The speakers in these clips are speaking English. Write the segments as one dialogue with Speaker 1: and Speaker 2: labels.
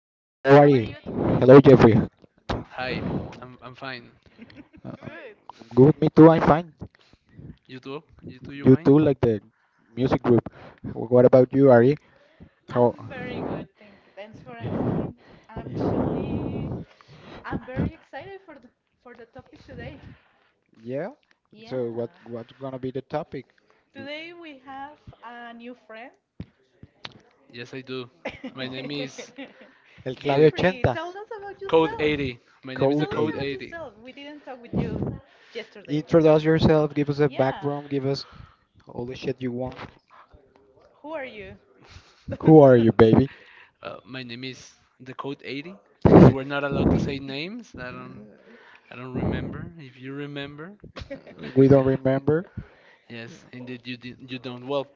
Speaker 1: how are Ari. You today? Hello, Jeffrey.
Speaker 2: Hi, I'm fine.
Speaker 1: Good. Good, me too. I'm fine.
Speaker 2: You too? You too? You
Speaker 1: You
Speaker 2: fine?
Speaker 1: too, like the music group. What about you, Ari? How? I'm very good. Thanks for asking. Actually, I'm very excited for the topic today. Yeah. So what? Yeah. What's gonna be the topic? Today we have a new friend.
Speaker 2: Yes, I do. My name is
Speaker 1: El clave
Speaker 2: the
Speaker 1: Jeffrey, 80. Tell us about
Speaker 2: Code
Speaker 1: yourself.
Speaker 2: 80. My name
Speaker 1: Code
Speaker 2: is the
Speaker 1: tell us 80.
Speaker 2: Code
Speaker 1: About
Speaker 2: 80.
Speaker 1: yourself. We didn't talk with you yesterday. Introduce yourself, give us a yeah. Background, give us all the shit you want. Who are you? Who are you, baby?
Speaker 2: My name is the Code 80 because we're not allowed to say names. I don't
Speaker 1: Uh,
Speaker 2: I don't remember. If you remember,
Speaker 1: we don't remember.
Speaker 2: yes, indeed you did, you don't. Well,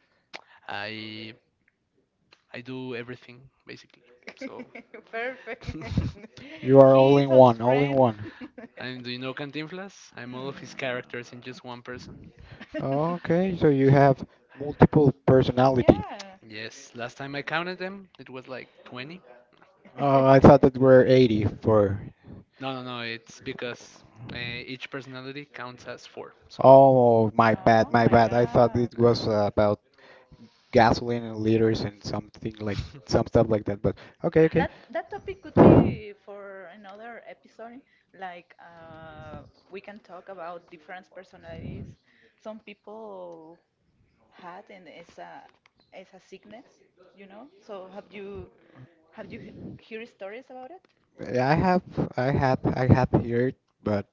Speaker 2: I I do everything basically. So
Speaker 1: Perfect. You are all in Jesus, one, all in friend. One.
Speaker 2: I'm do you know Cantinflas? I'm all of his
Speaker 1: Hmm.
Speaker 2: characters in just one person.
Speaker 1: Okay, so you have multiple personality. Yeah.
Speaker 2: Yes, last time I counted them, it was like 20.
Speaker 1: Oh, I thought that were 80 for.
Speaker 2: No, it's because uh, each personality counts as four. So
Speaker 1: Oh, my oh bad, oh my my bad. I thought God. It was about gasoline and liters and something like some stuff like that. But okay, okay. That topic could be for another episode. Like we can talk about different personalities. Some people had and it's a sickness, you know. So have you hear stories about it? Yeah, I have, I had heard, but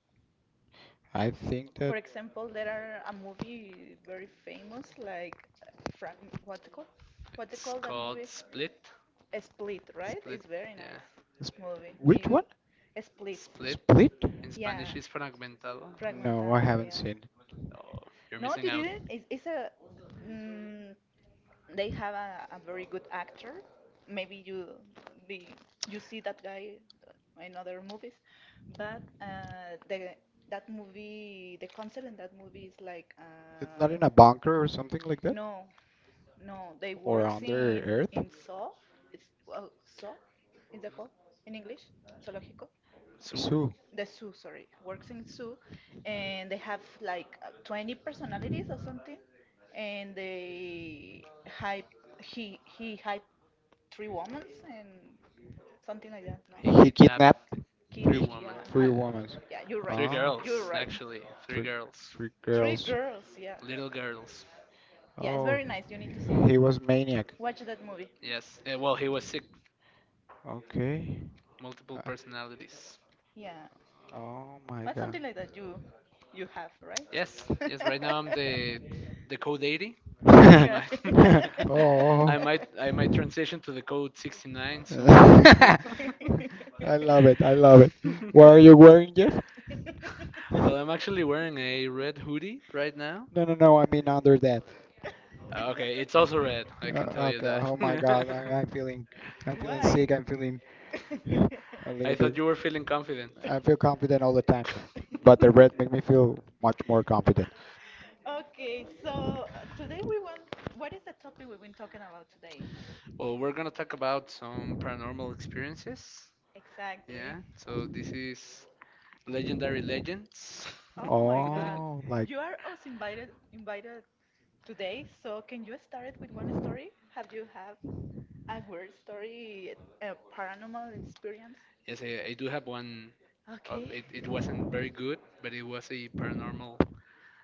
Speaker 1: I think for that example, there are a movie very famous, like Frank, what's it called? What's it
Speaker 2: it's
Speaker 1: called that
Speaker 2: called
Speaker 1: movie?
Speaker 2: Split.
Speaker 1: A Split, right?
Speaker 2: Split,
Speaker 1: It's very
Speaker 2: yeah.
Speaker 1: nice movie. Which It one? A Split.
Speaker 2: Split
Speaker 1: Split?
Speaker 2: in
Speaker 1: Yeah,
Speaker 2: Spanish is fragmentado.
Speaker 1: Frank no, I fragmentado. Haven't yeah. Seen it.
Speaker 2: Oh, you're
Speaker 1: No,
Speaker 2: missing
Speaker 1: you
Speaker 2: out.
Speaker 1: didn't. It's a. Mm, they have a very good actor. Maybe you the you see that guy in other movies, but the that movie, the concept in that movie is like it's not in a bunker or something like that? No, no. They or works under in Earth? In Saw. It's well, Saw. Is that called in English? Zoológico.
Speaker 2: Soup.
Speaker 1: Sue. The zoo, sorry, works in zoo, and they have like 20 personalities or something, and they hype he hype three women and something like that.
Speaker 2: He,
Speaker 1: No, he kidnapped kid,
Speaker 2: three
Speaker 1: he yeah,
Speaker 2: women.
Speaker 1: three women. Yeah, you're right,
Speaker 2: Three
Speaker 1: ah, you're
Speaker 2: girls,
Speaker 1: right.
Speaker 2: actually. Three
Speaker 1: three
Speaker 2: girls.
Speaker 1: three three girls. Girls, yeah,
Speaker 2: Little girls.
Speaker 1: yeah, it's oh, very nice. You need to see it. He was maniac. Watch that movie.
Speaker 2: Yes. Eh, well, he was sick
Speaker 1: Okay.
Speaker 2: multiple
Speaker 1: Uh,
Speaker 2: personalities.
Speaker 1: Yeah, oh my but God. Something like that you have, right?
Speaker 2: Yes, yes. Right now I'm the code 80. I might
Speaker 1: oh.
Speaker 2: I might transition to the code 69 soon.
Speaker 1: I yeah. Love it. I love it. What are you wearing, Jeff?
Speaker 2: well, I'm actually wearing a red hoodie right now.
Speaker 1: No, no, no. I mean under that.
Speaker 2: Ah, okay, it's also red. I can tell you
Speaker 1: Okay.
Speaker 2: that.
Speaker 1: Oh my God. I'm feeling. I'm feeling why? Sick. I'm feeling a
Speaker 2: I
Speaker 1: little
Speaker 2: thought
Speaker 1: bit.
Speaker 2: you were feeling confident.
Speaker 1: I feel confident all the time, but the red make me feel much more confident. Okay, so today we want, what is the topic we've been talking about today?
Speaker 2: Well, we're gonna talk about some paranormal experiences.
Speaker 1: Exactly.
Speaker 2: Yeah. So this is Legendary Legends.
Speaker 1: Oh my God. Oh, like you are also invited today, so can you start it with one story? Have you have a weird story, a paranormal experience?
Speaker 2: yes, I do have one. Uh,
Speaker 1: Okay.
Speaker 2: it, it wasn't very good, but it was a paranormal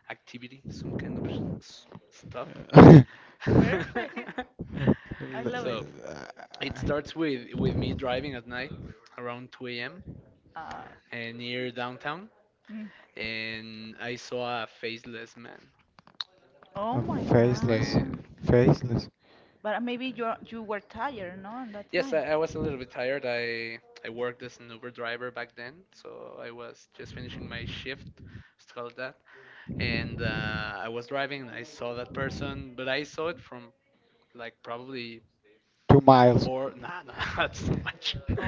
Speaker 2: activity, some kind of stuff.
Speaker 1: uh, perfect. I love it.
Speaker 2: so it starts with me driving at night around 2 a.m.
Speaker 1: Uh,
Speaker 2: and near downtown,
Speaker 1: mm.
Speaker 2: and I saw a faceless man.
Speaker 1: Oh my
Speaker 2: It's
Speaker 1: faceless,
Speaker 2: a,
Speaker 1: God. Faceless. But maybe you were tired, no? And that
Speaker 2: yes, I was a little bit tired. I worked as an Uber driver back then, so I was just finishing my shift, let's call it and I was driving and I saw that person, but I saw it from like probably
Speaker 1: 2 miles.
Speaker 2: four, that's too much,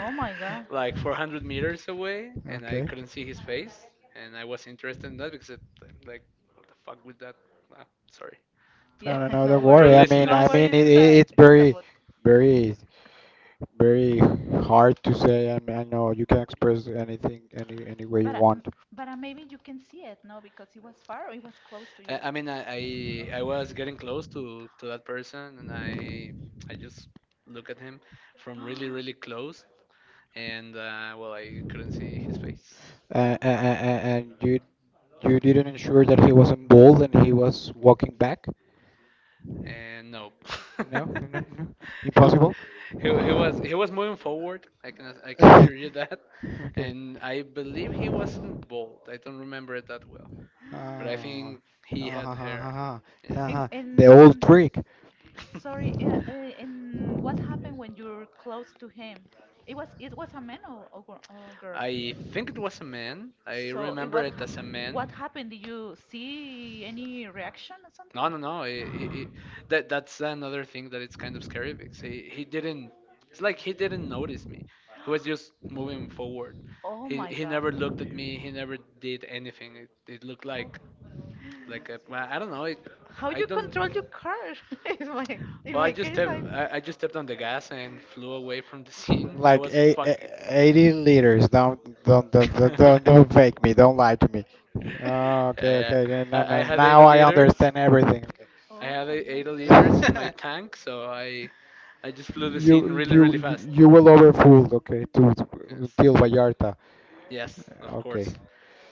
Speaker 2: like 400 meters away, and I
Speaker 1: Okay.
Speaker 2: couldn't see his
Speaker 1: No,
Speaker 2: face, and I was interested in that because it, I'm like, what the fuck with that? Uh, sorry to
Speaker 1: yeah, no, no,
Speaker 2: our
Speaker 1: no. Don't
Speaker 2: to our
Speaker 1: worry. I worry. Mean, don't I
Speaker 2: listeners.
Speaker 1: don't worry, mean, it a it's very, about. Very, very hard to say. I mean, I know you can express anything, any way you but want. But maybe you can see it, no? Because it was far, or it was close to you.
Speaker 2: I mean, I was getting close to that person, and I just look at him from really close, and well, I couldn't see his face,
Speaker 1: And you, you didn't ensure that he wasn't bald and he was walking back.
Speaker 2: and no,
Speaker 1: No.
Speaker 2: he,
Speaker 1: Impossible.
Speaker 2: he was moving forward. I can assure you that, and I believe he wasn't bald. I don't remember it that well, but I
Speaker 1: Ah,
Speaker 2: think he
Speaker 1: ah,
Speaker 2: had
Speaker 1: ha, ha,
Speaker 2: hair.
Speaker 1: ha, ha. Ha,
Speaker 2: Yeah.
Speaker 1: and ha. The and old and trick. Sorry, and what happened when you're close to him? It was a man or, or girl.
Speaker 2: I think it was a man. I remember it as a man.
Speaker 1: What happened? Did you see any reaction or something?
Speaker 2: No. That that's another thing that it's kind of scary because he didn't. It's like he didn't notice me. He was just moving forward.
Speaker 1: Oh,
Speaker 2: He never looked at me. He never did anything. It looked like a, well, I don't know. It, I don't.
Speaker 1: you curse in
Speaker 2: Well,
Speaker 1: my
Speaker 2: I just stepped on the gas and flew away from the scene. I
Speaker 1: like
Speaker 2: was.
Speaker 1: 8, 80 liters.
Speaker 2: yeah,
Speaker 1: Don't fake me. Don't lie to me. Oh, okay,
Speaker 2: yeah.
Speaker 1: okay. Then- now,
Speaker 2: I
Speaker 1: now,
Speaker 2: had eight
Speaker 1: now I
Speaker 2: liters.
Speaker 1: understand everything. Okay.
Speaker 2: I have a- 80 liters in my tank, so I just flew the scene really, really fast.
Speaker 1: You will overfooled. Okay, to
Speaker 2: Yes,
Speaker 1: till Vallarta.
Speaker 2: yes, of
Speaker 1: Okay.
Speaker 2: course.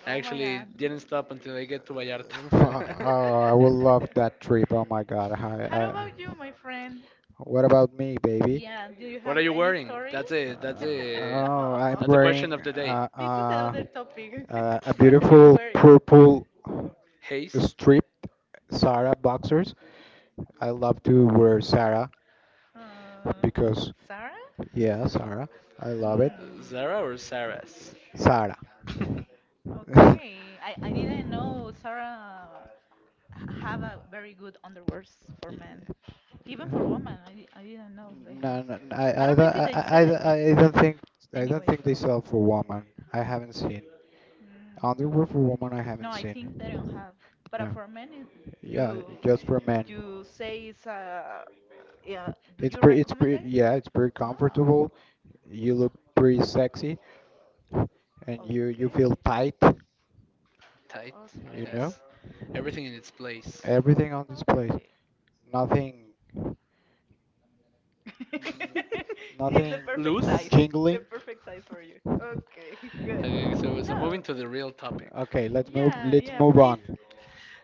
Speaker 2: I
Speaker 1: Oh my
Speaker 2: actually
Speaker 1: god.
Speaker 2: didn't stop until I get to
Speaker 1: Fa-
Speaker 2: Vallarta.
Speaker 1: oh, I will love that trip. Oh my God. How about you, my friend? What about me, baby? Yeah, do you
Speaker 2: what
Speaker 1: have
Speaker 2: are you wearing?
Speaker 1: story.
Speaker 2: That's a that's a
Speaker 1: Oh, I'm
Speaker 2: that's the question
Speaker 1: wearing
Speaker 2: of the day.
Speaker 1: this is another topic. A I'm beautiful wearing. Purple
Speaker 2: Hayes,
Speaker 1: strip Sarah boxers. I love to wear Sarah because, Sarah? Yeah, Sarah. I love it.
Speaker 2: Zara or Sarah's?
Speaker 1: Hmm. Sarah. Okay. I didn't know Sarah have a very good underwears for men, even for women. I didn't know they have. No, no, no, don't know if they sell it I don't think I don't anyways. Think they sell for woman. I haven't seen. Mm, underworld for woman, I no, haven't I seen. Think they don't have. But no. For men, it, yeah, you just for men. You say it's a yeah. Do it's you pretty, it's recommend pretty, it? Yeah, it's pretty ah, comfortable. You look pretty sexy, and you okay, feel okay, tight.
Speaker 2: Tight,
Speaker 1: You okay, know,
Speaker 2: yes. Everything in its place.
Speaker 1: everything on display. Okay. Nothing, mm, it's the nothing perfect size.
Speaker 2: Loose.
Speaker 1: The jingling. Perfect size for you. Okay, good.
Speaker 2: Okay, so so
Speaker 1: No.
Speaker 2: moving to the real topic.
Speaker 1: Okay, let's move. Yeah, let's yeah, move please on.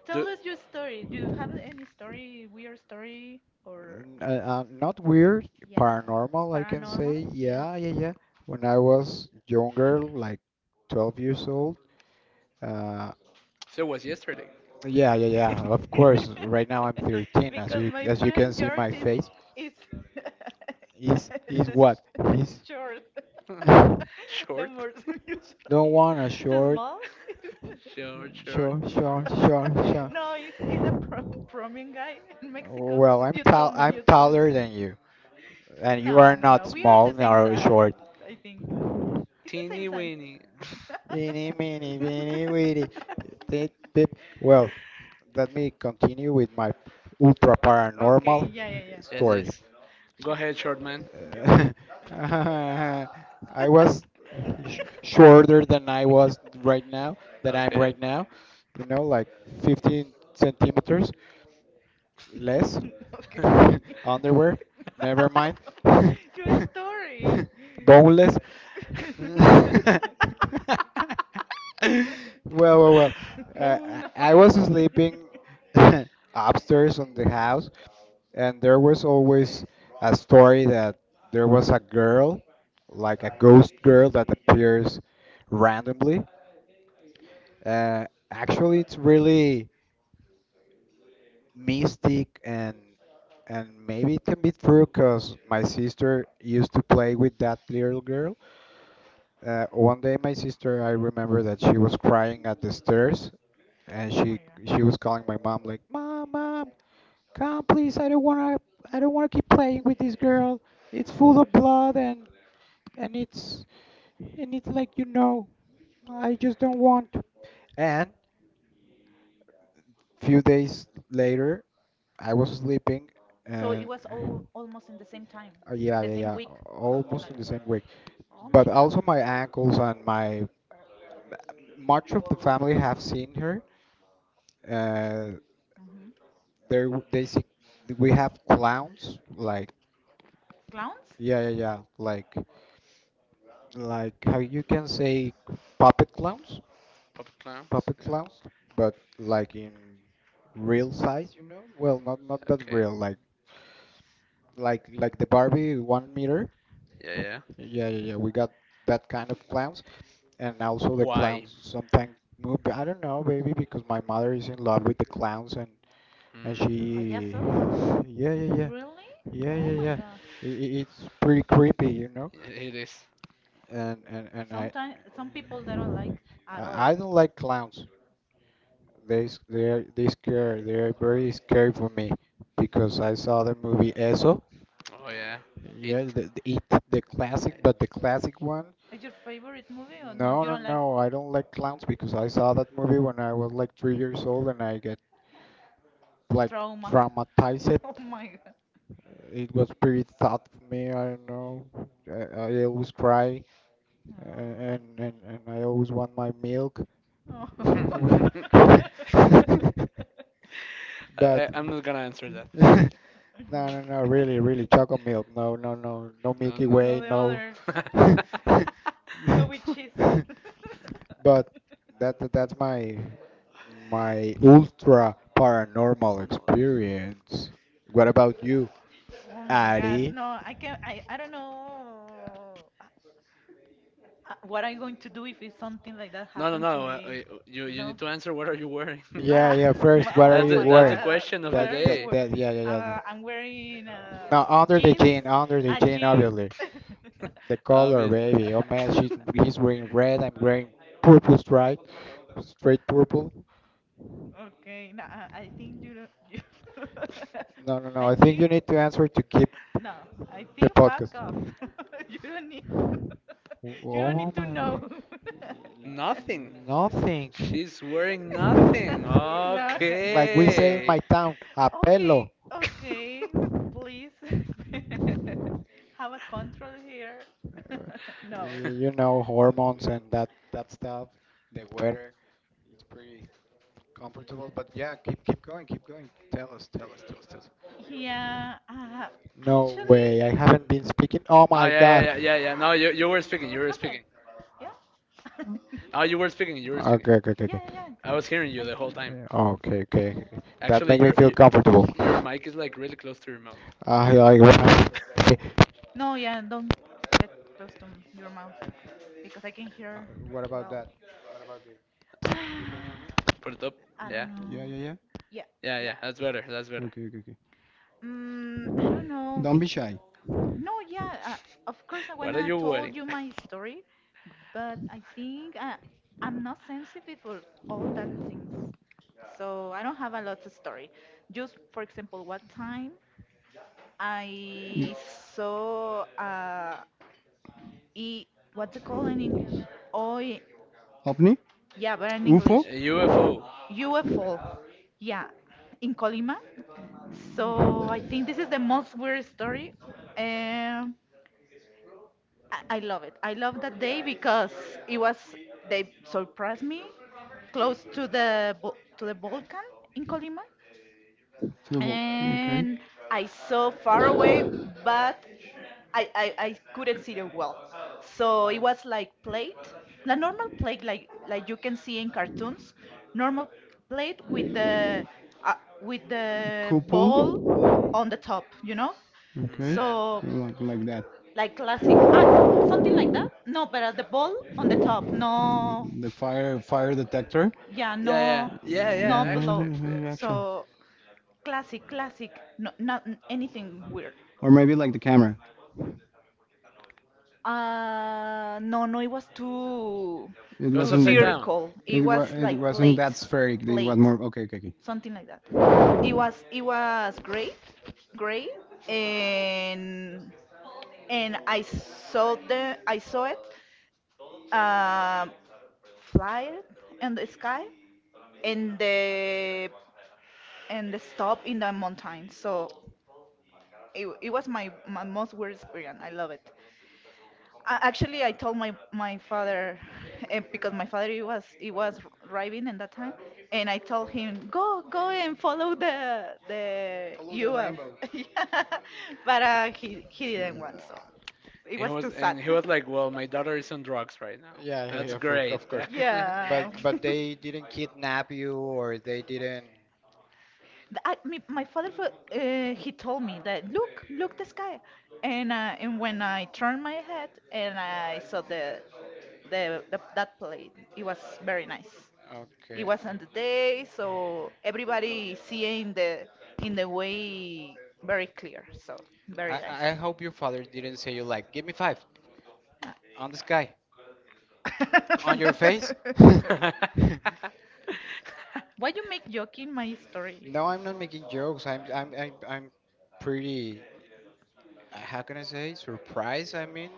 Speaker 1: Tell
Speaker 2: Do-
Speaker 1: us your story. Do you have any story, weird story, or not weird, yeah, paranormal, I can paranormal? Say. Yeah. Yeah, yeah, yeah. When I was younger, like 12 years old. Uh,
Speaker 2: So it was yesterday.
Speaker 1: yeah, yeah, yeah. Of course. Right now I'm 13, as because you my as you friend can see George my is face. Is is is what? He's short. The
Speaker 2: short.
Speaker 1: more unusual. Don't want a the short, small?
Speaker 2: short, short.
Speaker 1: Short. No, it's a prom promian guy in Mexico. Well, I'm you tall. Told me. I'm you told me. Taller than you, and you no, are no, no. Not no. We are small the same nor size. Short. I think it's the same
Speaker 2: Teeny
Speaker 1: size.
Speaker 2: weeny.
Speaker 1: Eeny, meeny, weeny, weeny. Tip, tip. Well, let me continue with my ultra okay. Paranormal yeah, yeah, yeah.
Speaker 2: yes,
Speaker 1: Story.
Speaker 2: yes. Go ahead, short man.
Speaker 1: Sure. Uh, I was shorter than I was right now, than I'm
Speaker 2: Okay.
Speaker 1: right now, you know, like 15 centimeters less. Okay. Underwear, never mind. Your story. Boneless. Well, well, well. Uh, I no. Was sleeping upstairs on the house, and there was always a story that there was a girl, like a ghost girl that appears randomly. Actually, it's really mystic and maybe it can be true because my sister used to play with that little girl. One day, my sister, I remember that she was crying at the stairs and oh she my god. She was calling my mom like, "Mom, mom, come, please. I don't want to. I don't want to keep playing with this girl. It's full of blood and it's and it's like you know. I just don't want." And few days later, I was sleeping, so it was all almost in the same time, yeah, the yeah, same yeah, week, something almost like in that. The same week. Oh my but God. Also my ankles and my much of the family have seen her. Uh, hmm there they see we have clowns like clowns? Yeah, yeah, yeah, like. Like how you can say
Speaker 2: Pop it down.
Speaker 1: puppet clowns, but like in real size, you know? Well, not not that
Speaker 2: Okay.
Speaker 1: real, like like the Barbie 1 meter.
Speaker 2: Yeah, yeah.
Speaker 1: Yeah, yeah, yeah. We got that kind of clowns, and also the
Speaker 2: Why?
Speaker 1: clowns sometimes move. I don't know, baby, because my mother is in love with the clowns, and I guess
Speaker 2: Mm,
Speaker 1: she, so. Yeah, yeah, yeah, really? Yeah, oh yeah, my yeah. God. It's pretty creepy, you know?
Speaker 2: it is.
Speaker 1: And I. Sometimes some people they don't like at all. I don't like clowns. They they are they scare they are very scary for me because I saw the movie Eso.
Speaker 2: Oh yeah.
Speaker 1: Yeah,
Speaker 2: It.
Speaker 1: the it the classic, but the classic one. Is your favorite movie or no? No, you no, don't like no. I don't like clowns because I saw that movie when I was like 3 years old, and I get like trauma? Traumatized. Oh my god. It was pretty thought for me. I don't know. I always cry, and I always want my milk. Oh. but
Speaker 2: I'm not gonna answer that.
Speaker 1: no, no, no, really, really, chocolate milk. No, no, no, no Milky no, Way, the no. other. No, with cheese. But that's my ultra paranormal experience. What about you, Oh my God, Ari? No, I can I don't know what I'm going to do if it's something like that
Speaker 2: No, no,
Speaker 1: happens.
Speaker 2: no. You you need to answer. What are you wearing?
Speaker 1: Yeah, yeah. First, what are oh you my
Speaker 2: That's
Speaker 1: wearing?
Speaker 2: the
Speaker 1: God,
Speaker 2: question
Speaker 1: what
Speaker 2: of
Speaker 1: That,
Speaker 2: the
Speaker 1: are you that,
Speaker 2: day.
Speaker 1: wearing? That. Yeah, yeah, yeah, yeah. I'm wearing No, under the jeans, jean, under the a jean, jeans, obviously. The color,
Speaker 2: Obvious.
Speaker 1: baby. Oh man, she's he's wearing red. I'm wearing purple stripe, straight purple. Okay, no, I think you don't. You No, no, no. I think you think need to answer to keep no. I the think fuck podcast. Off. You don't need to. You don't Oh need to my. Know.
Speaker 2: nothing.
Speaker 1: Nothing.
Speaker 2: She's wearing
Speaker 1: No,
Speaker 2: nothing.
Speaker 1: no, no. Like we say in
Speaker 2: Okay.
Speaker 1: my town, a Okay, okay. Please have a control here. Uh, no. You know, hormones and that stuff. The weather, it's pretty Yeah, No actually, way, I haven't been speaking. Oh
Speaker 2: Oh yeah,
Speaker 1: my
Speaker 2: yeah,
Speaker 1: god.
Speaker 2: yeah, yeah, yeah. No, you were speaking. You were
Speaker 1: Happened.
Speaker 2: speaking.
Speaker 1: Yeah,
Speaker 2: Oh, you were speaking. You were speaking.
Speaker 1: Okay, okay, okay, yeah, okay, yeah,
Speaker 2: I was hearing
Speaker 1: yeah.
Speaker 2: you
Speaker 1: I
Speaker 2: the whole
Speaker 1: think so.
Speaker 2: time.
Speaker 1: Okay, okay. That
Speaker 2: Actually,
Speaker 1: make me feel comfortable.
Speaker 2: your mic is like really close to your mouth.
Speaker 1: I like What to no. Yeah, don't get close to your mouth because I can hear What about well. That? What about this? You can hear Ah,
Speaker 2: Put it up.
Speaker 1: me? I me?
Speaker 2: Yeah,
Speaker 1: Don't Yeah, know, yeah, Yeah,
Speaker 2: yeah,
Speaker 1: yeah.
Speaker 2: yeah. That's better. That's
Speaker 1: Yeah.
Speaker 2: better.
Speaker 1: Okay, okay, okay. I don't know. Don't be It's shy. No, yeah, of course I
Speaker 2: What are
Speaker 1: wanna
Speaker 2: you
Speaker 1: tell
Speaker 2: wearing?
Speaker 1: you my story, but I think I'm not sensitive for all that things, so I don't have a lot of story. Just for example, one time I saw e what's it called in English? Oh, OVNI? Yeah, but in UFO? English,
Speaker 2: UFO.
Speaker 1: UFO. Yeah, in Colima. So I think this is the most weird story. Um, I love it. I love that day because it was they surprised me close to the Balkan in Colima, to the wall. Okay. And I saw far away, but I couldn't see them well. So it was like plate, the normal plate like you can see in cartoons, normal plate uh, with the Couple. Ball on the top, you know.
Speaker 2: Mm,
Speaker 1: Okay. So
Speaker 2: yeah.
Speaker 1: Like that. Like classic, ah, something like that. No, but the ball on the top, no, The fire detector. Yeah,
Speaker 2: Yeah,
Speaker 1: no,
Speaker 2: yeah, yeah, yeah.
Speaker 1: no below.
Speaker 2: Actually,
Speaker 1: Mm, Gotcha.
Speaker 2: yeah.
Speaker 1: So Classic, classic. No, not n- anything weird. No, no, it was too
Speaker 2: It was upside down.
Speaker 1: cold. Something like that. It was great, great, and and I saw the, I saw it, uh, fly in the sky, and the and the stop in the mountain. So it was my most weird experience. I love it. Actually, I told my father eh, because my father he was driving in that time, and I told him go and follow the Follow the UF, rainbow. Yeah. But he didn't want so it
Speaker 2: And he
Speaker 1: was
Speaker 2: was
Speaker 1: too sad.
Speaker 2: and he
Speaker 1: course.
Speaker 2: was like, "Well, my daughter is on drugs right now. That's great."
Speaker 1: But yeah, they didn't kidnap you or they didn't. I, me, he told me that look the sky, and when I turned my head and I saw the that play. It was very nice. It Okay. was on the day, so everybody seeing the in the way very clear. So very I, nice. I hope your father didn't say you like, give me five Ah. on the sky, on your face. Why you make joking my story? No, I'm not making jokes. I'm pretty. How can I say surprised? I mean,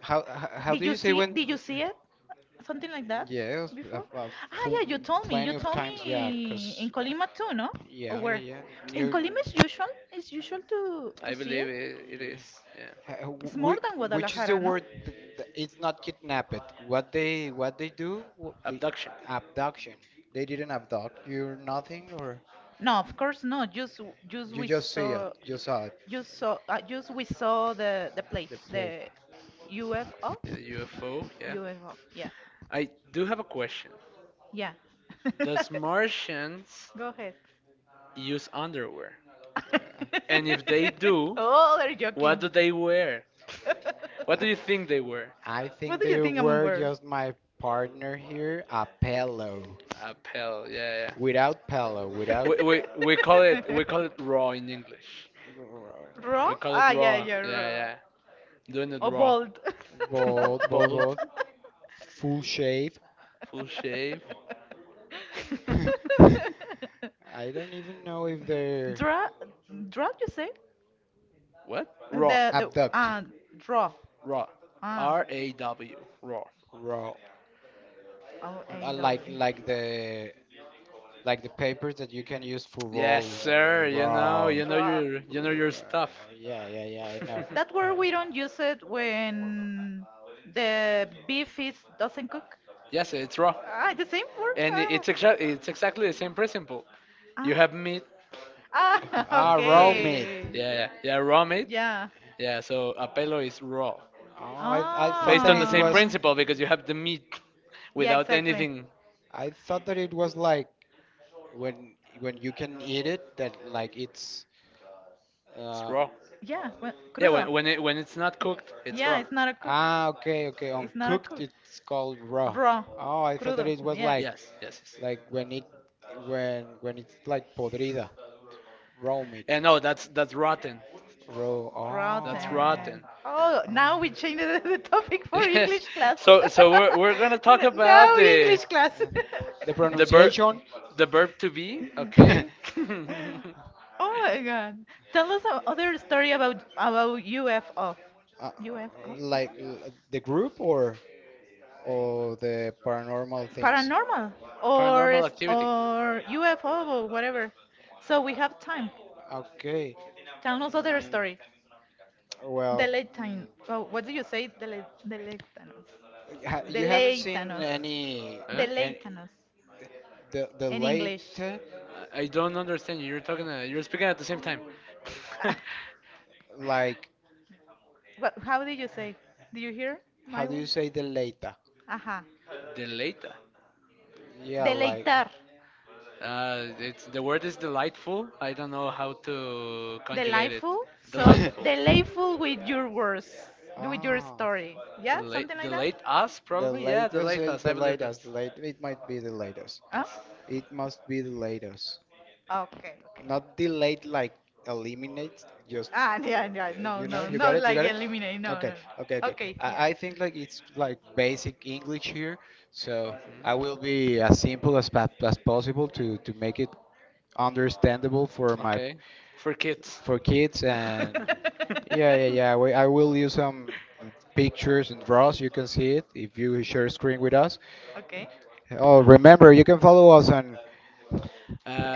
Speaker 1: how Did do you you say see? When? Did you see something like that Yes, before? I've Ah, full yeah, full, you told me. You plenty of told times. Yeah, me in cause Colima too, no? Or yeah, yeah, where? Yeah. In Near Colima it's usual. It's usual to
Speaker 2: I
Speaker 1: see
Speaker 2: believe
Speaker 1: it.
Speaker 2: it, it is. Yeah.
Speaker 1: It's more than which is the Guadalajara, no? word it's not kidnapped what they do the
Speaker 2: Abduction
Speaker 1: abduction they didn't abduct you or nothing or No, of course no. Just you we just see it saw you saw it just saw just we saw the plate, plate the UFO,
Speaker 2: is a UFO. Yeah.
Speaker 1: UFO. Yeah,
Speaker 2: I do have a question.
Speaker 1: yeah.
Speaker 2: Does Martians
Speaker 1: Go ahead.
Speaker 2: use underwear? And if they do,
Speaker 1: Oh, they're
Speaker 2: what
Speaker 1: joking.
Speaker 2: do they wear? What do you think they wear?
Speaker 1: I What think do you they think I'm were wearing? Just my partner here, a pillow.
Speaker 2: A pal. Yeah, yeah.
Speaker 1: Without pillow, without
Speaker 2: We call it raw in English.
Speaker 1: raw?
Speaker 2: We call it
Speaker 1: Ah, yeah,
Speaker 2: raw.
Speaker 1: yeah,
Speaker 2: Yeah,
Speaker 1: raw.
Speaker 2: yeah. Doing it
Speaker 1: Or
Speaker 2: raw.
Speaker 1: bald. Bold, bold,
Speaker 2: Bald,
Speaker 1: bold, full shave.
Speaker 2: full shave.
Speaker 1: I don't even know if they're draw, draw, you say?
Speaker 2: What? Raw.
Speaker 1: The abduct, draw.
Speaker 2: Raw.
Speaker 1: Ah,
Speaker 2: R A W. Raw.
Speaker 1: raw, R A W like the the papers that you can use for
Speaker 2: Yes,
Speaker 1: roll,
Speaker 2: sir. You know,
Speaker 1: roll. Draw.
Speaker 2: you know your stuff.
Speaker 1: Yeah, yeah, yeah. I know. That word we don't use it when the beef is doesn't cook.
Speaker 2: Yes, it's raw,
Speaker 1: Ah, the same word.
Speaker 2: and
Speaker 1: Ah,
Speaker 2: it's exactly the same principle. You have
Speaker 1: ah,
Speaker 2: meat. Okay,
Speaker 1: ah, Ah, raw meat.
Speaker 2: yeah,
Speaker 1: Okay.
Speaker 2: yeah, yeah. Raw meat.
Speaker 1: Yeah.
Speaker 2: Yeah. So apelo is raw,
Speaker 1: Oh, I thought
Speaker 2: based
Speaker 1: that
Speaker 2: on the
Speaker 1: it
Speaker 2: same
Speaker 1: was
Speaker 2: principle
Speaker 1: Ah,
Speaker 2: because you have the meat
Speaker 1: yeah,
Speaker 2: without
Speaker 1: exactly.
Speaker 2: anything.
Speaker 1: I thought that it was like when you can eat it that like it's
Speaker 2: It's
Speaker 1: uh
Speaker 2: raw.
Speaker 1: Yeah, well,
Speaker 2: Yeah.
Speaker 1: crudo.
Speaker 2: When it's not cooked, it's
Speaker 1: Yeah,
Speaker 2: raw.
Speaker 1: it's not a cook. Ah, okay, okay. On It's not a cooked, cook. It's called raw. Raw, Oh, I thought that crudo. It was Yeah. like
Speaker 2: Yes. Yes. Yes.
Speaker 1: when it when it's like podrida, raw meat,
Speaker 2: And no, that's rotten.
Speaker 1: raw. Oh,
Speaker 2: That's
Speaker 1: Rotten.
Speaker 2: rotten.
Speaker 1: Oh, now we oh. changed the topic for
Speaker 2: Yes.
Speaker 1: English class.
Speaker 2: So so we're gonna talk
Speaker 1: No,
Speaker 2: about
Speaker 1: no English class. The
Speaker 2: the verb
Speaker 1: pronunciation.
Speaker 2: the verb to be. Okay.
Speaker 1: Oh my God. Tell us other story about UFO. UFO? The group or? Or the paranormal things. Paranormal
Speaker 2: Paranormal activity.
Speaker 1: or UFO or whatever. So we have time. Okay. Tell us other Mm, story. Well, Deleitan. Oh, what do you say? Deleitanos. You haven't seen Deleitanos, any
Speaker 2: Huh?
Speaker 1: Deleitanos the in late, English.
Speaker 2: I I don't understand you. You're talking. You're speaking at the same time.
Speaker 1: Like What, how do you say? Do you hear how my do you say the later? Ajá.
Speaker 2: Deleita.
Speaker 1: Yeah, like Deleitar.
Speaker 2: It's the word is delightful. I don't know how to conjugate it.
Speaker 1: Delightful? So,
Speaker 2: Delightful.
Speaker 1: delightful with your words, with your Ah, story. Yeah, something
Speaker 2: The
Speaker 1: like that?
Speaker 2: late us,
Speaker 1: The
Speaker 2: probably. Yeah, the
Speaker 1: latest
Speaker 2: late
Speaker 1: is
Speaker 2: us.
Speaker 1: the
Speaker 2: I believe that.
Speaker 1: latest. The late, it might be the latest. Huh?
Speaker 2: Yes.
Speaker 1: It must be the latest. Okay, okay. Not delayed like eliminate, just Ah, yeah, yeah. No, you know, no, you no, got not it, you like got it. Eliminate. No, Okay, no, no, okay, no, okay. Okay, yeah. I think like it's like basic English here, so I will
Speaker 2: Mhm.
Speaker 1: be as simple as pa as possible to make it understandable for my
Speaker 2: Okay, for kids.
Speaker 1: for kids and yeah, yeah, yeah. I will use some pictures and draws. You can see it if you share screen with us. Okay. Oh, remember, you can follow us on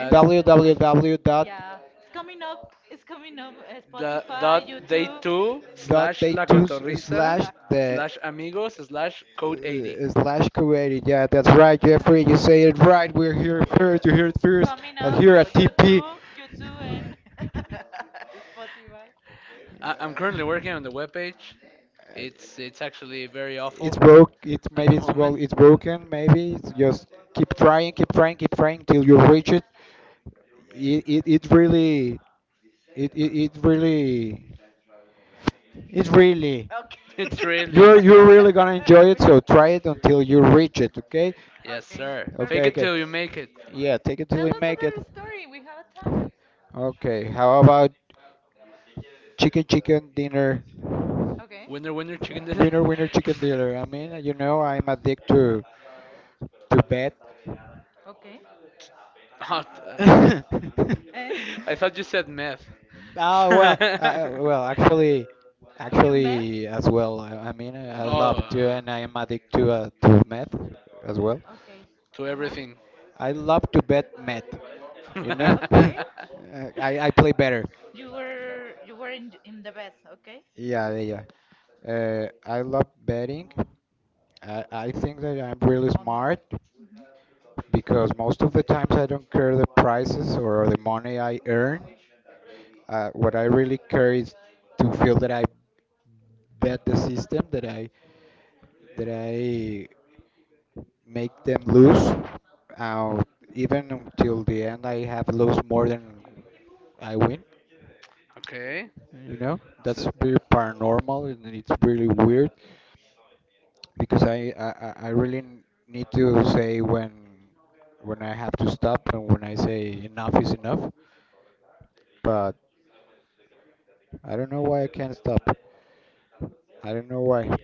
Speaker 1: And www.daytwo.com. Yeah, it's coming up. It's coming up.
Speaker 2: the
Speaker 1: Spotify,
Speaker 2: dot day
Speaker 1: YouTube.
Speaker 2: two
Speaker 1: Dot
Speaker 2: slash
Speaker 1: day
Speaker 2: la
Speaker 1: two
Speaker 2: cotorriza
Speaker 1: slash Exact. The
Speaker 2: slash amigos slash code 80.
Speaker 1: slash community. Yeah, that's right, Jeffrey. You say it right. We're here first. You hear it first. Coming But up. Here at TP. YouTube, YouTube, and Spotify.
Speaker 2: I'm currently working on the webpage.
Speaker 1: Uh,
Speaker 2: It's actually very
Speaker 1: It's
Speaker 2: awful.
Speaker 1: broke. It's maybe it's well. It's broken. Maybe it's just keep trying, keep trying, keep trying till you reach it. It really it, it it really
Speaker 2: It's really
Speaker 1: you're Okay. you're really gonna enjoy it. So try it until you reach it. Okay.
Speaker 2: Yes,
Speaker 1: Okay,
Speaker 2: sir. Fake
Speaker 1: Okay,
Speaker 2: it
Speaker 1: perfect.
Speaker 2: till you make
Speaker 1: Okay.
Speaker 2: it.
Speaker 1: Yeah. Take it till Tell we us make it, another story. We have a time. Okay, how about chicken dinner? Okay,
Speaker 2: Winner, winner, chicken dinner.
Speaker 1: Winner winner chicken dinner. I mean, you know, I'm addicted to bet. Okay.
Speaker 2: Oh,
Speaker 1: And
Speaker 2: I thought you said meth.
Speaker 1: Oh
Speaker 2: oh,
Speaker 1: well, well, actually, you meth? Actually, as well. I mean, I Do you? Love to,
Speaker 2: uh,
Speaker 1: and I am addicted to meth as well. Okay.
Speaker 2: to
Speaker 1: Uh-huh.
Speaker 2: everything.
Speaker 1: I love to bet meth. You know, Okay. I play better. You were in the best, okay? Yeah, yeah, yeah. I love betting. I think that I'm really On smart hmm because most of the times I don't care the prices or the money I earn. What I really care is to feel that I bet the system, that I make them lose. Uh, even until the end, I have lost more than I win.
Speaker 2: okay.
Speaker 1: You know,
Speaker 2: So,
Speaker 1: that's very paranormal and it's really weird because I really need to say when I have to stop and when I say enough is enough. But I don't know why I can't stop. I don't know why.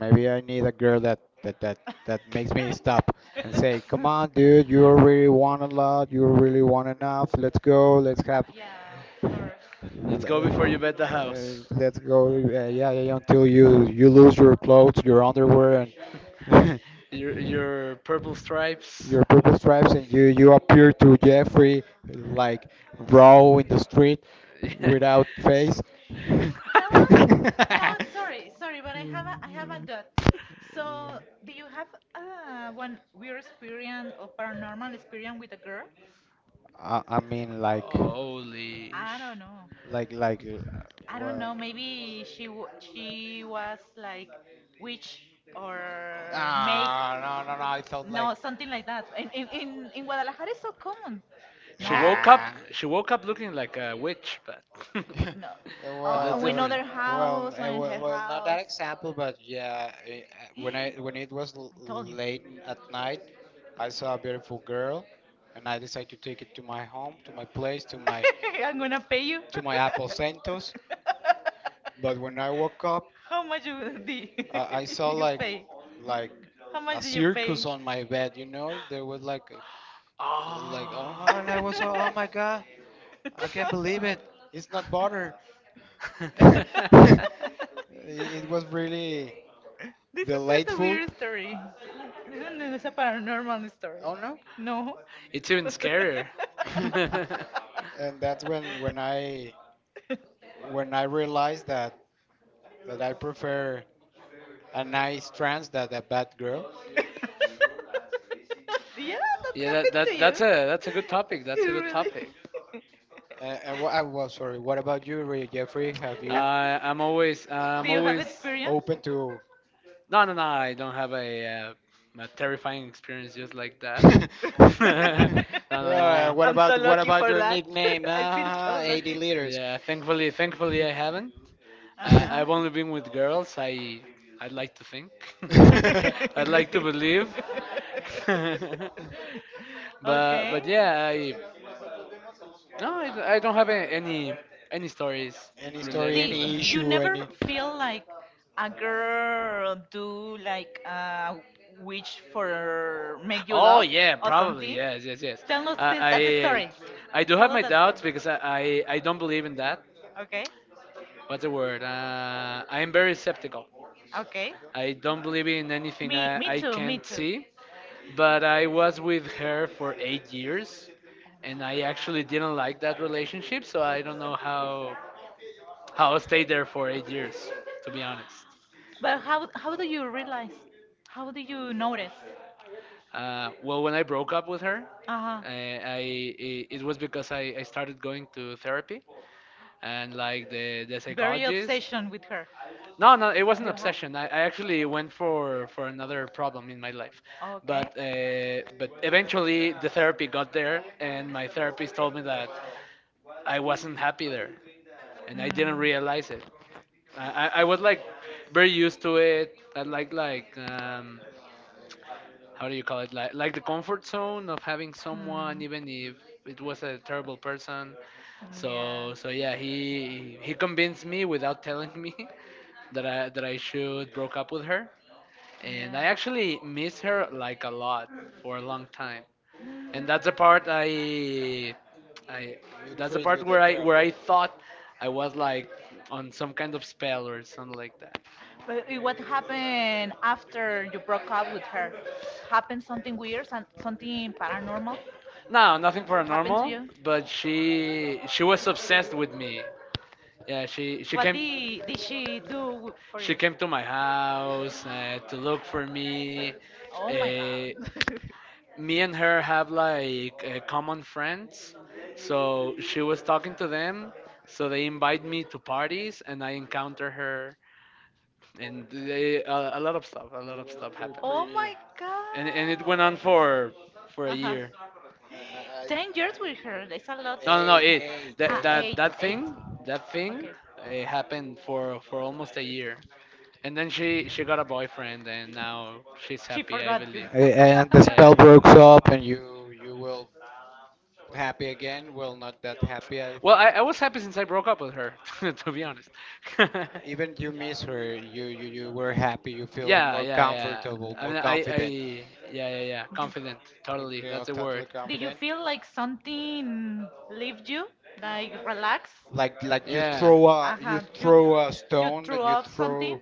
Speaker 1: Maybe I need a girl that makes me stop and say, "Come on, dude, you really want a lot. You really want enough. Let's go. Let's have. Yeah, of course.
Speaker 2: let's go before you bet the house.
Speaker 1: Let's go. Yeah, yeah, yeah, until you lose your clothes, your underwear, and
Speaker 2: Your purple stripes.
Speaker 1: your purple stripes and you appear to Jeffrey like raw in the street
Speaker 2: Yeah.
Speaker 1: without face. Tell us. No, sorry, sorry, but I have a dot. So, do you have one weird experience or paranormal experience with a girl? I mean like
Speaker 2: Holy.
Speaker 1: I don't know. Like I don't what? Know. Maybe she was like witch or make Ah, no no no. It sounds like no something like that. In Guadalajara is so common. No,
Speaker 2: She woke up.
Speaker 1: nah.
Speaker 2: She woke up looking like a witch, but, but
Speaker 1: No.
Speaker 2: that's
Speaker 1: Well, or in
Speaker 2: different.
Speaker 1: other well, house or in well, her well, not that house. Example, but yeah, when I when it was l I told you. Late at night, I saw a beautiful girl, and I decided to take it to my home, to my place, to my I'm gonna pay you. To my Apple Santos. But when I woke up, how much you did I saw you like pay? Like how a much did you pay? Circus on my bed. You know, there was like oh,
Speaker 2: How?
Speaker 1: and I was oh,
Speaker 2: Oh.
Speaker 1: oh my god, I can't believe it. It's not butter. it, it was really this is not a delightful. Weird story. This is not a paranormal story. Oh no. No.
Speaker 2: it's even scarier.
Speaker 1: And that's when I when I realized that I prefer a nice trans than a bad girl. Yeah, that
Speaker 2: yeah, that,
Speaker 1: happened.
Speaker 2: that that's a that's a good topic. That's a good
Speaker 1: Really.
Speaker 2: topic.
Speaker 1: And I was sorry. What about you, Jeffrey? Have you do
Speaker 2: I'm
Speaker 1: you have
Speaker 2: always
Speaker 1: experience? Open to?
Speaker 2: no no no I don't have a terrifying experience just like that. no no no.
Speaker 1: What I'm so about what lucky about for your that. nickname? I feel Ah, so 80 lucky. Liters.
Speaker 2: Yeah, thankfully I haven't. I've only been with girls. I'd like to think. I'd like to believe. but
Speaker 1: Okay.
Speaker 2: but yeah, I no I don't have a- any stories
Speaker 1: Any story, see,
Speaker 2: related to
Speaker 1: any you
Speaker 2: that.
Speaker 1: issue, never any. Feel like a girl do like a wish for make you
Speaker 2: Oh
Speaker 1: love
Speaker 2: yeah,
Speaker 1: or
Speaker 2: probably
Speaker 1: something?
Speaker 2: yes, yes, yes.
Speaker 1: Tell us that the
Speaker 2: I
Speaker 1: story.
Speaker 2: I do have
Speaker 1: Tell us
Speaker 2: my
Speaker 1: that story.
Speaker 2: doubts because I don't believe in that.
Speaker 1: Okay.
Speaker 2: What's the word? I am very skeptical.
Speaker 1: Okay.
Speaker 2: I don't believe in anything
Speaker 1: Me, me
Speaker 2: I
Speaker 1: too. Me
Speaker 2: can't
Speaker 1: too.
Speaker 2: see. But I was with her for 8 years, and I actually didn't like that relationship. So I don't know how I stayed there for 8 years, to be honest.
Speaker 1: But how do you realize? How do you notice?
Speaker 2: Well, when I broke up with her,
Speaker 1: Uh huh.
Speaker 2: I, I it was because I started going to therapy and like the psychologist.
Speaker 1: Session with her.
Speaker 2: No, no, it wasn't obsession. I actually went for another problem in my life,
Speaker 1: Okay.
Speaker 2: but eventually the therapy got there, and my therapist told me that I wasn't happy there, and I didn't realize it. I was like very used to it. I like how do you call it like the comfort zone of having someone even if it was a terrible person,
Speaker 1: Yeah.
Speaker 2: so so yeah, he convinced me without telling me that I should broke up with her, and I
Speaker 1: Yeah.
Speaker 2: actually miss her like a lot for a long time,
Speaker 1: You
Speaker 2: and that's the part I that's the
Speaker 1: trade
Speaker 2: part where I where I thought I was like on some kind of spell or something like that.
Speaker 1: but what happened after you broke up with her? Happened something weird, something paranormal
Speaker 2: No, nothing
Speaker 1: happened to
Speaker 2: paranormal,
Speaker 1: you?
Speaker 2: but she was obsessed with me. Yeah, she came,
Speaker 1: Did she do for?
Speaker 2: she came to my house to look for me.
Speaker 1: Oh my
Speaker 2: Uh,
Speaker 1: god!
Speaker 2: me and her have like common friends, so she was talking to them. So they invite me to parties, and I encounter her, and they, a lot of stuff, a lot of stuff happened,
Speaker 1: Oh pretty. My god!
Speaker 2: and it went on for a
Speaker 1: Huh.
Speaker 2: year.
Speaker 1: 10 years with her. That's a lot.
Speaker 2: No, no, no. It
Speaker 1: Eight. Eight,
Speaker 2: that
Speaker 1: eight.
Speaker 2: thing that thing,
Speaker 1: Okay,
Speaker 2: it happened for almost a year, and then she got a boyfriend, and now she's
Speaker 1: she
Speaker 2: happy, I
Speaker 1: forgot you.
Speaker 2: believe.
Speaker 1: And the spell breaks up, and you will happy again. Well, not that happy. I think.
Speaker 2: Well, I was happy since I broke up with her, to be honest. yeah,
Speaker 1: Even you miss her. You were happy. You feel
Speaker 2: yeah,
Speaker 1: more
Speaker 2: yeah.
Speaker 1: comfortable,
Speaker 2: I
Speaker 1: more
Speaker 2: mean, I,
Speaker 1: confident.
Speaker 2: yeah, yeah, yeah.
Speaker 1: You-
Speaker 2: Confident, totally.
Speaker 1: Okay, or
Speaker 2: That's the
Speaker 1: totally
Speaker 2: word.
Speaker 1: did you confident. Feel like something leave you? Like relax? Like you
Speaker 2: Yeah,
Speaker 1: throw a you uh-huh. You throw a you stone threw and you off something?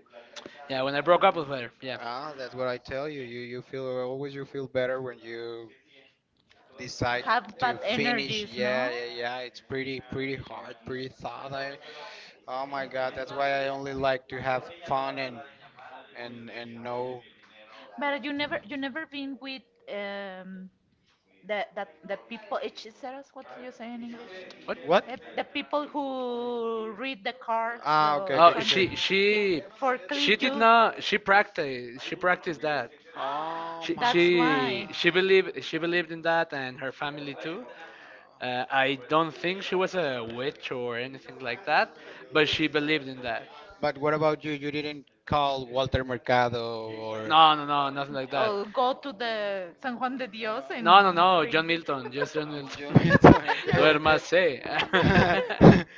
Speaker 2: yeah. When I broke up with her,
Speaker 1: Throw.
Speaker 2: yeah.
Speaker 1: Ah, that's what I tell you. You feel always you feel better when you decide have to bad finish. Energies, yeah, no? yeah, yeah. It's pretty hard, pretty thought. I oh my god, that's why I only like to have fun and and know. But you never been with um the that the people each us what do you say in English?
Speaker 2: What?
Speaker 1: What? Eh, the people who read the cards ah, okay, or okay,
Speaker 2: Oh,
Speaker 1: okay, okay. something.
Speaker 2: she did not. She practiced. She practiced that.
Speaker 1: Oh my that's god. Why.
Speaker 2: She believed, she believed in that, and her family too. I don't think she was a witch or anything like that, but she believed in that.
Speaker 1: But what about you? You didn't call Walter Mercado or
Speaker 2: No, no, no, nothing like that.
Speaker 1: go to the San Juan de Dios and
Speaker 2: No, no, no, John Milton, just John
Speaker 1: you
Speaker 2: Milton.
Speaker 1: mean okay, okay.
Speaker 2: Duérmase.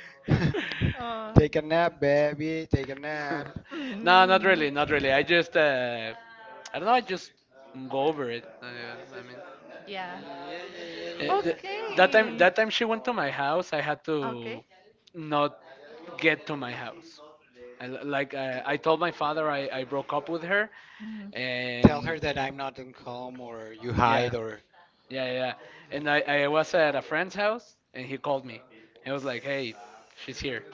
Speaker 1: Take a nap, baby. Take a
Speaker 2: no,
Speaker 1: nap. Mm,
Speaker 2: not really, not really. I just, I don't know. I just go over it. I mean,
Speaker 1: yeah. Yeah.
Speaker 2: uh, th-
Speaker 1: Okay.
Speaker 2: that time she went to my house. I had to
Speaker 1: Okay.
Speaker 2: not get to my house. Like I told my father, I broke up with her,
Speaker 1: Mhm. Tell
Speaker 2: and
Speaker 1: her that I'm not in calm or you
Speaker 2: yeah,
Speaker 1: hide or
Speaker 2: yeah, yeah. And I was at a friend's house, and he called me. He was like, "Hey, she's here,"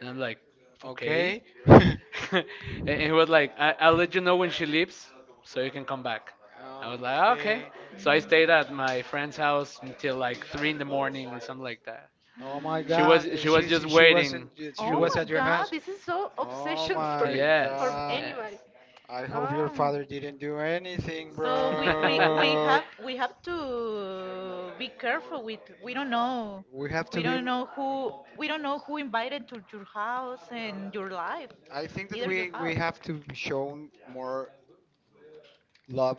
Speaker 2: and I'm like, "Okay."
Speaker 1: okay. Okay.
Speaker 2: and he was like, I- I'll let you know when she leaves so you can come back. I was like, "Ah, okay. So I stayed at my friend's house until like three in the morning or something like that.
Speaker 1: Oh my god! And
Speaker 2: She was just
Speaker 1: she oh
Speaker 2: waiting. She was
Speaker 1: was my at your god, house. This is so oh obsession for my for
Speaker 2: yes
Speaker 1: god! Anybody.
Speaker 2: yes.
Speaker 1: I hope your oh. father didn't do anything, so we bro. have to be careful with we don't know we have we to we be. Don't know who we don't know who invited to your house and your life I think that either your we house have to show more love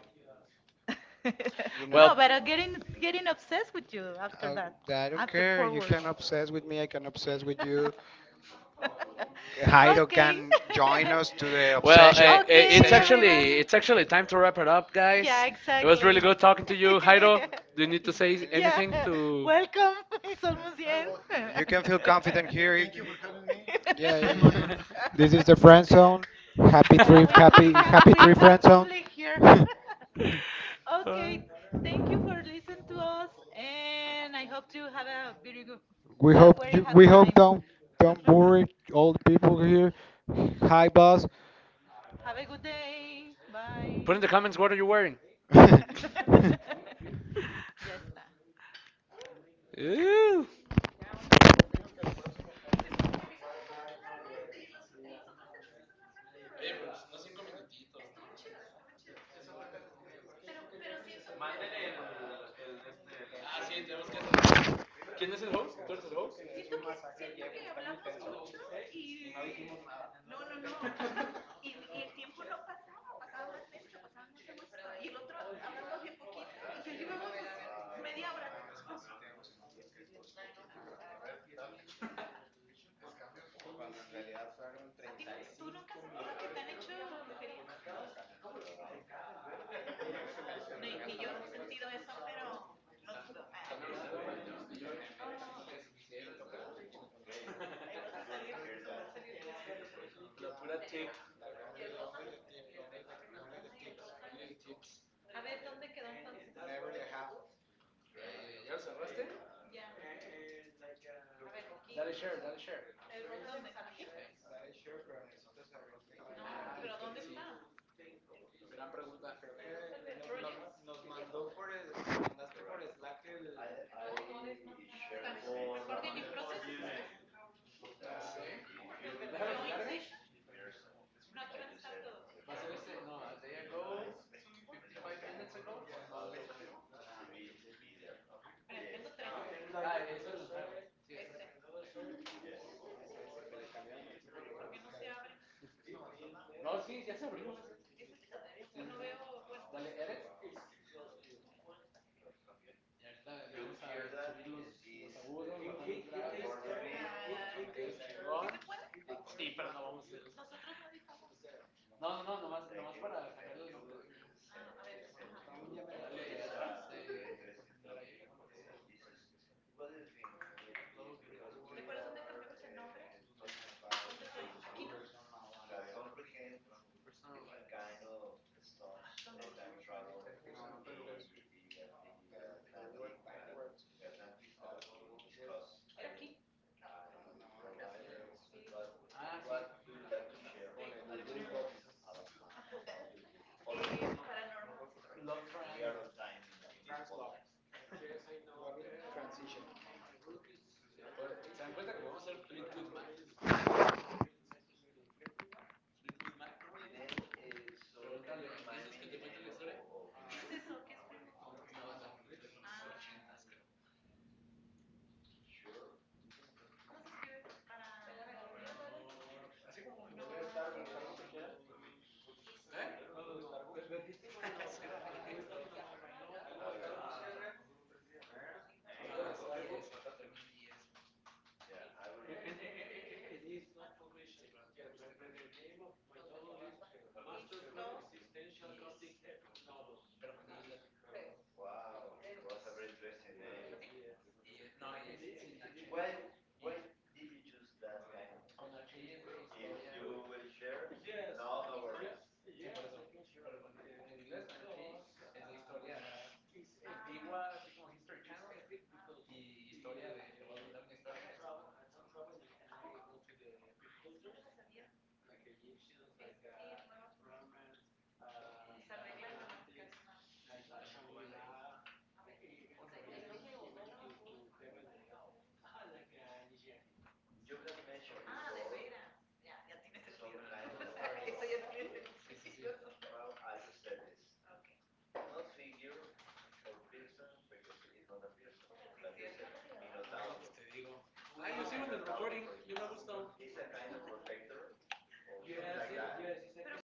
Speaker 1: you know? No,
Speaker 2: well.
Speaker 1: but I'm getting obsessed with you after that, I don't after care. Four you words. Can obsess with me. I can obsess with you. Jairo okay. can join us to the
Speaker 2: Well, uh,
Speaker 1: obsession
Speaker 2: uh, it's
Speaker 1: session.
Speaker 2: actually it's actually time to wrap it up, guys.
Speaker 1: Yeah,
Speaker 2: It
Speaker 1: exactly.
Speaker 2: was really good talking to you, Jairo. Do you need to say anything to?
Speaker 1: Welcome. It's almost the end. You can feel confident here. Thank you for having me. Yeah, yeah, yeah. This is the friend zone. Happy yeah, trip, we happy have happy three trip friend zone. public here. Okay, thank you for listening to us, and I hope you have a very good, we a hope very you, happy we happy hope time. Don't worry all the people here. Hi, boss. Have a good day. Bye.
Speaker 2: Put in the comments what are you wearing.
Speaker 1: Ya está.
Speaker 2: Ooh. ¿Quién es el host? ¿Tú eres el host? La pura tip. Tips. Tips. Eh, ¿Ya lo cerraste? Dale share, dale share. Sí. Gran pregunta. Sí. Déjalo que cargue. Va a ser este. No, as they go. 5 minutes ago? Ah, eso lo sabe. Sí, no, sí, ya se abrió. Dale, edit. Y ahorita vamos a subir los agudos. Sí, pero no vamos a hacer eso. No, nomás para cambiar los nombres. Dale atrás. Eh, ¿Se dan cuenta que vamos a hacer Fleetwood Mac? If sí, por eso. En inglés, es la historia antigua, así como History Channel, y historia de. Te voy a contar una historia de esto. Sí, sí, sí. Pues, te digo. Ah, yo sigo en el recording, yo me gusta. Yo era así,